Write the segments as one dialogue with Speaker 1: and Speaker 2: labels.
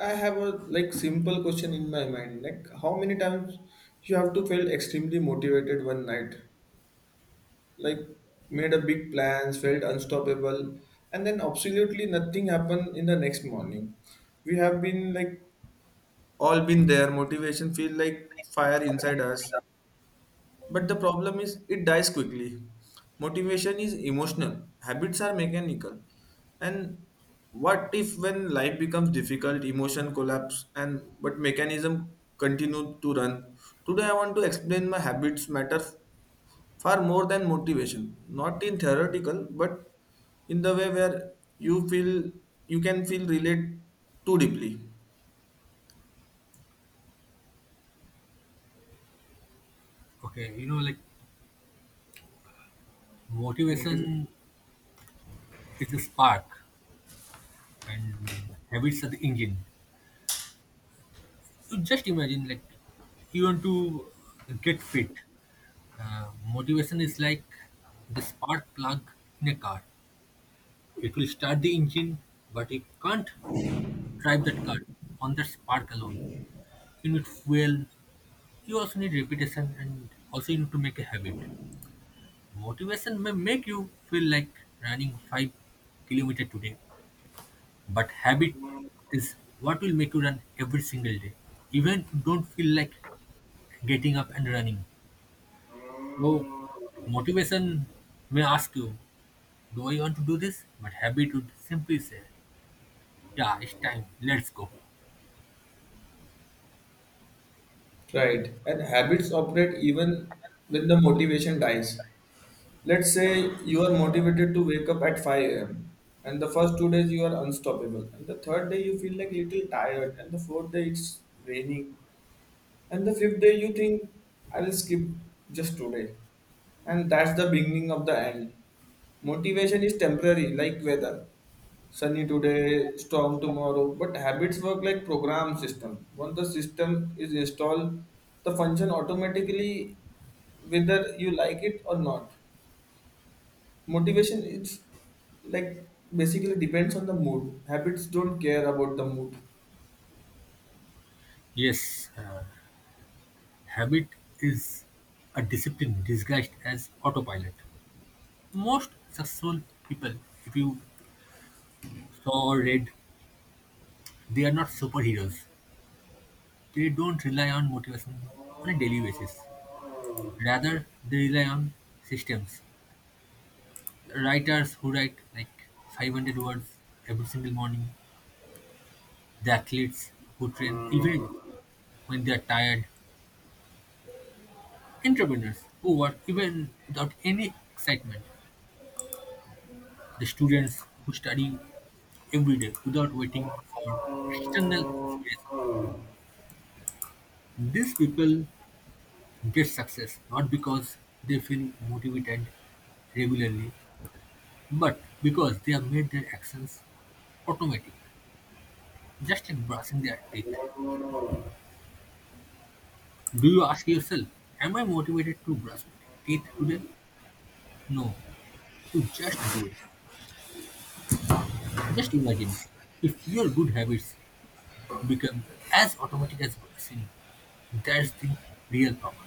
Speaker 1: I have a simple question in my mind. Like how many times you have to felt extremely motivated one night? Like made a big plans, felt unstoppable, and then absolutely nothing happened in the next morning. We have been all been there. Motivation feel like fire inside us, but the problem is it dies quickly. Motivation is emotional, habits are mechanical. And what if when life becomes difficult, emotion collapse and but mechanism continue to run? Today I want to explain my habits matter far more than motivation, not in theoretical, but in the way where you feel you can feel relate too deeply.
Speaker 2: Okay,
Speaker 1: Motivation.
Speaker 2: motivation is the spark and habits are the engine. You just imagine, like, you want to get fit. Motivation is like the spark plug in a car. It will start the engine, but you can't drive that car on that spark alone. You need fuel, you also need repetition, and also you need to make a habit. Motivation may make you feel like running 5 kilometers today. But habit is what will make you run every single day, even if you don't feel like getting up and running. So, motivation may ask you, do I want to do this? But habit would simply say, yeah, it's time, let's go.
Speaker 1: Right. And habits operate even when the motivation dies. Let's say you are motivated to wake up at 5 a.m. and the first two days you are unstoppable, and the third day you feel like little tired, and the fourth day it's raining, and the fifth day you think I will skip just today, and that's the beginning of the end. Motivation is temporary like weather. Sunny today, storm tomorrow, but habits work like program system. Once the system is installed, the function automatically whether you like it or not. Motivation it's like basically depends on the mood. Habits don't care about the mood.
Speaker 2: Yes, habit is a discipline disguised as autopilot. Most successful people, if you saw or read, they are not superheroes. They don't rely on motivation on a daily basis. Rather, they rely on systems. Writers who write like 500 words every single morning, the athletes who train even when they are tired, entrepreneurs who work even without any excitement, the students who study every day without waiting for external inspiration. These people get success not because they feel motivated regularly, but because they have made their actions automatic. Just like brushing their teeth, do you ask yourself, am I motivated to brush my teeth today? No. You just do it. Just imagine if your good habits become as automatic as brushing. That's the real power.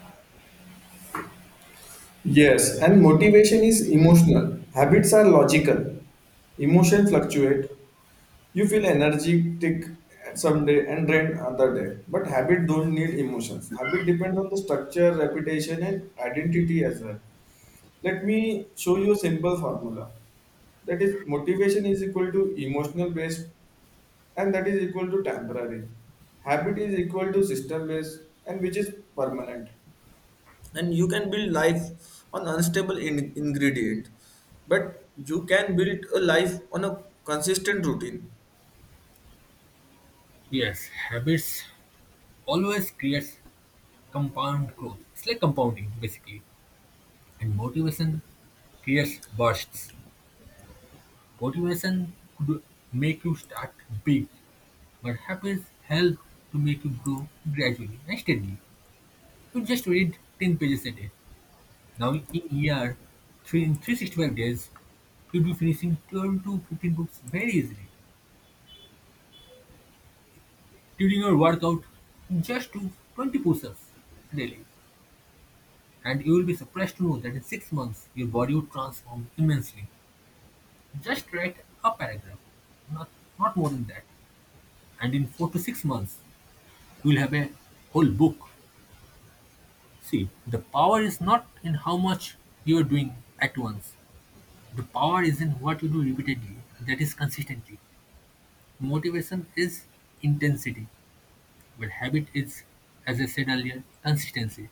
Speaker 1: Yes, and motivation is emotional. Habits are logical. Emotion fluctuate. You feel energetic some day and drained other day. But habit don't need emotions. Habit depends on the structure, reputation, and identity as well. Let me show you a simple formula. That is, motivation is equal to emotional based and that is equal to temporary. Habit is equal to system base and which is permanent. And you can build life on unstable ingredient, but you can build a life on a consistent routine.
Speaker 2: Yes, habits always creates compound growth. It's like compounding basically. And motivation creates bursts. Motivation could make you start big, but habits help to make you grow gradually and steadily. You just read 10 pages a day. Now in a year, three, in 365 days, you'll be finishing 12 to 15 books very easily. During your workout, just do 20 push-ups daily. And you will be surprised to know that in 6 months, your body will transform immensely. Just write a paragraph, not, not more than that. And in 4 to 6 months, you'll have a whole book. See, the power is not in how much you're doing at once. The power is in what you do repeatedly, that is consistently. Motivation is intensity, but habit is, as I said earlier, consistency.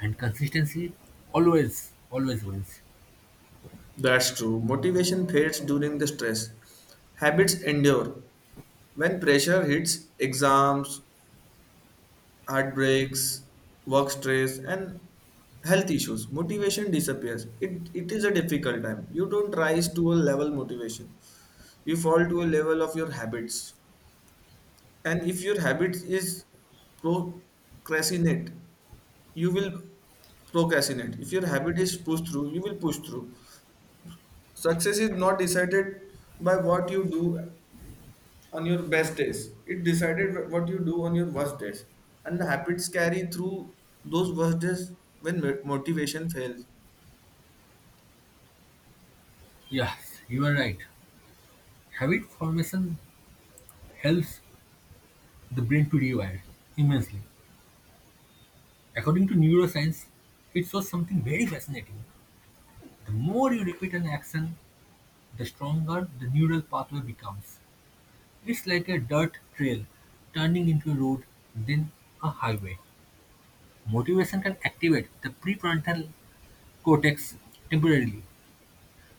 Speaker 2: And consistency always, always wins.
Speaker 1: That's true. Motivation fades during the stress, habits endure when pressure hits: exams, heartbreaks, work stress, and health issues. Motivation disappears. It is a difficult time. You don't rise to a level motivation, you fall to a level of your habits. And if your habits is procrastinate, you will procrastinate. If your habit is push through, you will push through. Success is not decided by what you do on your best days, it decided what you do on your worst days, and the habits carry through those worst days when motivation fails.
Speaker 2: Yes, you are right. Habit formation helps the brain to rewire immensely. According to neuroscience, it shows something very fascinating. The more you repeat an action, the stronger the neural pathway becomes. It's like a dirt trail turning into a road, then a highway. Motivation can activate the prefrontal cortex temporarily,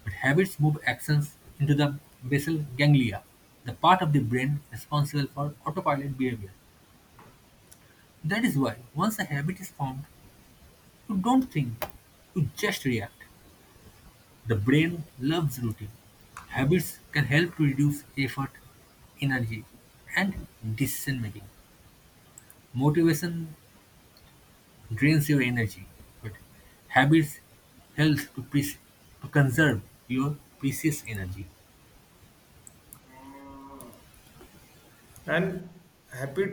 Speaker 2: but habits move actions into the basal ganglia, the part of the brain responsible for autopilot behavior. That is why, once a habit is formed, you don't think, you just react. The brain loves routine; habits can help to reduce effort, energy, and decision-making. Motivation drains your energy, but habits help to, to conserve your precious energy.
Speaker 1: And habit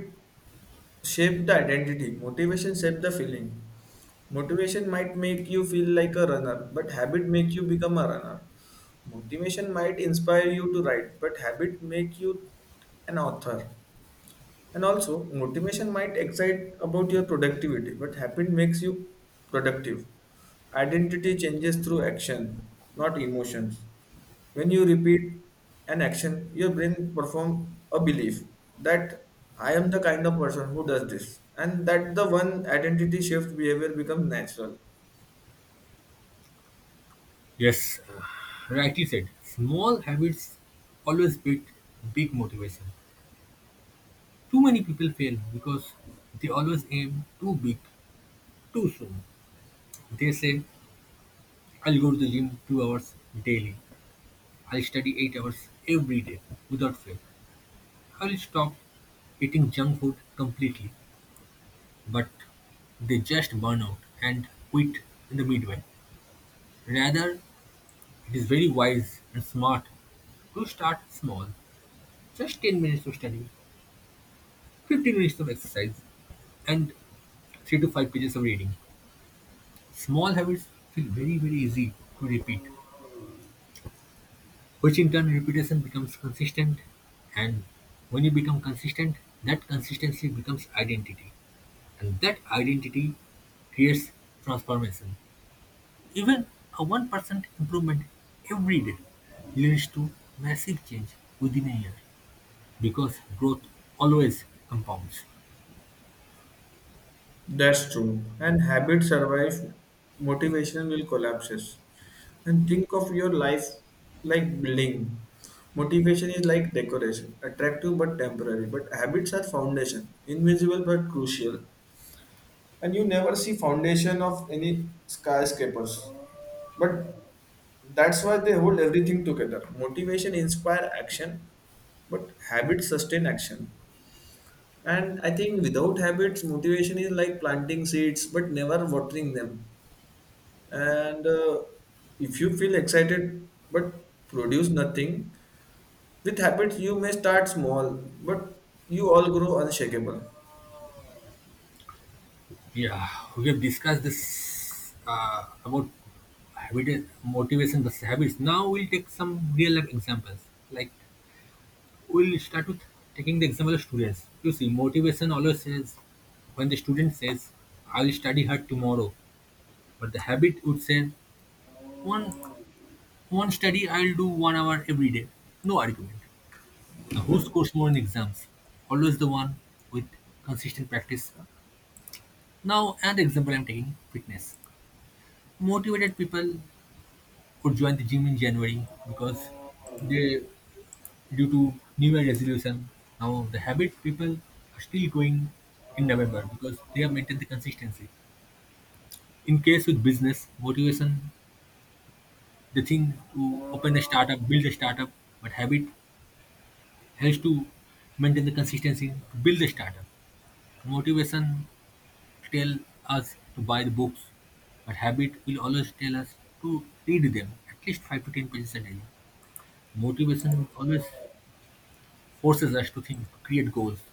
Speaker 1: shape the identity. Motivation shape the feeling. Motivation might make you feel like a runner, but habit make you become a runner. Motivation might inspire you to write, but habit make you an author. And also, motivation might excite about your productivity, but habit makes you productive. Identity changes through action, not emotions. When you repeat an action, your brain performs a belief that I am the kind of person who does this, and that the one identity shift behavior becomes natural.
Speaker 2: Yes, rightly said. Small habits always beat big motivation. Too many people fail because they always aim too big, too soon. They say, I'll go to the gym 2 hours daily. I'll study 8 hours every day without fail. I'll stop eating junk food completely, but they just burn out and quit in the midway. Rather, it is very wise and smart to start small, just 10 minutes of study, 15 minutes of exercise, and 3 to 5 pages of reading. Small habits feel very, very easy to repeat. Which in turn repetition becomes consistent, and when you become consistent, that consistency becomes identity, and that identity creates transformation. Even a 1% improvement every day leads to massive change within a year because growth always compounds.
Speaker 1: That's true. And habits survive, motivation will collapses. And think of your life like building. Motivation is like decoration, attractive but temporary. But habits are foundation, invisible but crucial. And you never see foundation of any skyscrapers. But that's why they hold everything together. Motivation inspire action, but habits sustain action. And I think without habits, motivation is like planting seeds but never watering them. And if you feel excited but produce nothing, with habits you may start small, but you all grow unshakable.
Speaker 2: Yeah, we have discussed this about habit motivation versus habits. Now we'll take some real life examples like we'll start with taking the example of students. You see, motivation always says, when the student says, I'll study hard tomorrow, but the habit would say, one, one study I'll do 1 hour every day. No argument. Now, who scores more in exams? Always the one with consistent practice. Now, an example I'm taking fitness. Motivated people could join the gym in January because they due to New Year resolution, now the habit people are still going in November because they have maintained the consistency. In case with business motivation, the thing to open a startup, build a startup, but habit helps to maintain the consistency to build the startup. Motivation tell us to buy the books, but habit will always tell us to read them at least 5 to 10 pages a day. Motivation will always forces us to think, to create goals,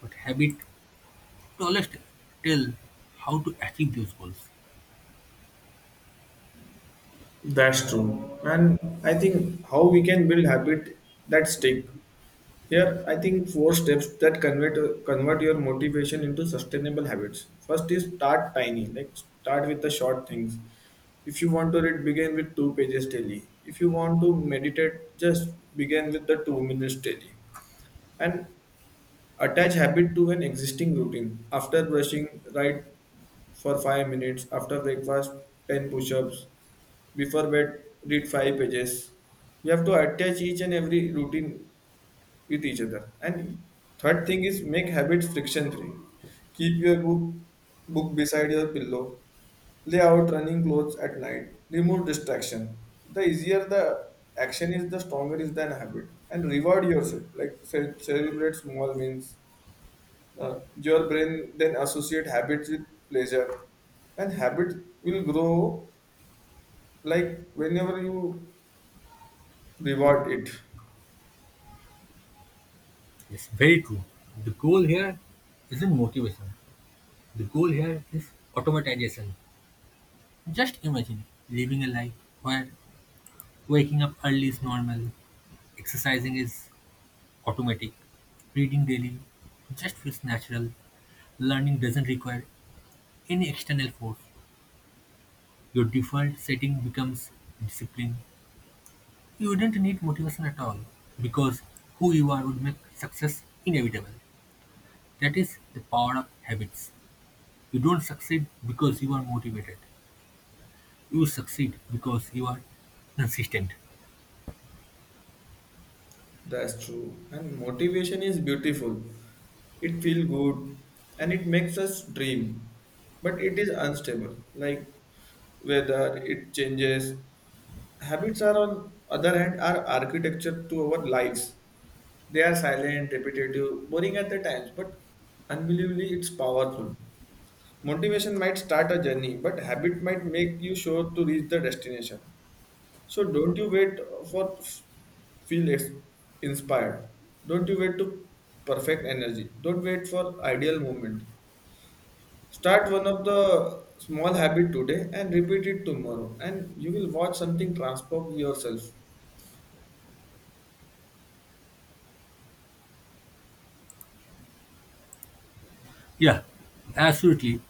Speaker 2: but habit to always t- tell how to achieve those goals.
Speaker 1: That's true. And I think how we can build habit that stick. Here, I think four steps that convert your motivation into sustainable habits. First is start tiny, like start with the short things. If you want to read, begin with 2 pages daily. If you want to meditate, just begin with the 2 minutes daily. And attach habit to an existing routine. After brushing, write for 5 minutes. After breakfast, 10 push-ups. Before bed, read 5 pages. You have to attach each and every routine with each other. And third thing is make habits friction free. Keep your book beside your pillow, lay out running clothes at night, remove distraction. The easier the action is, the stronger is the habit. And reward yourself, like celebrate small wins. Uh, your brain then associate habits with pleasure, and habit will grow like whenever you reward it.
Speaker 2: Yes, very true. The goal here isn't motivation. The goal here is automatization. Just imagine living a life where waking up early is normal, exercising is automatic, reading daily just feels natural, learning doesn't require any external force. Your default setting becomes discipline. You wouldn't need motivation at all because who you are would make success inevitable. That is the power of habits. You don't succeed because you are motivated. You succeed because you are consistent.
Speaker 1: That's true. And motivation is beautiful. It feels good and it makes us dream. But it is unstable. Like whether it changes. Habits are on other hand are architecture to our lives. They are silent, repetitive, boring at the times, but unbelievably it's powerful. Motivation might start a journey, but habit might make you sure to reach the destination. So don't you wait for feel it's inspired. Don't you wait to perfect energy. Don't wait for ideal moment. Start one of the small habit today and repeat it tomorrow and you will watch something transform yourself.
Speaker 2: Yeah, absolutely.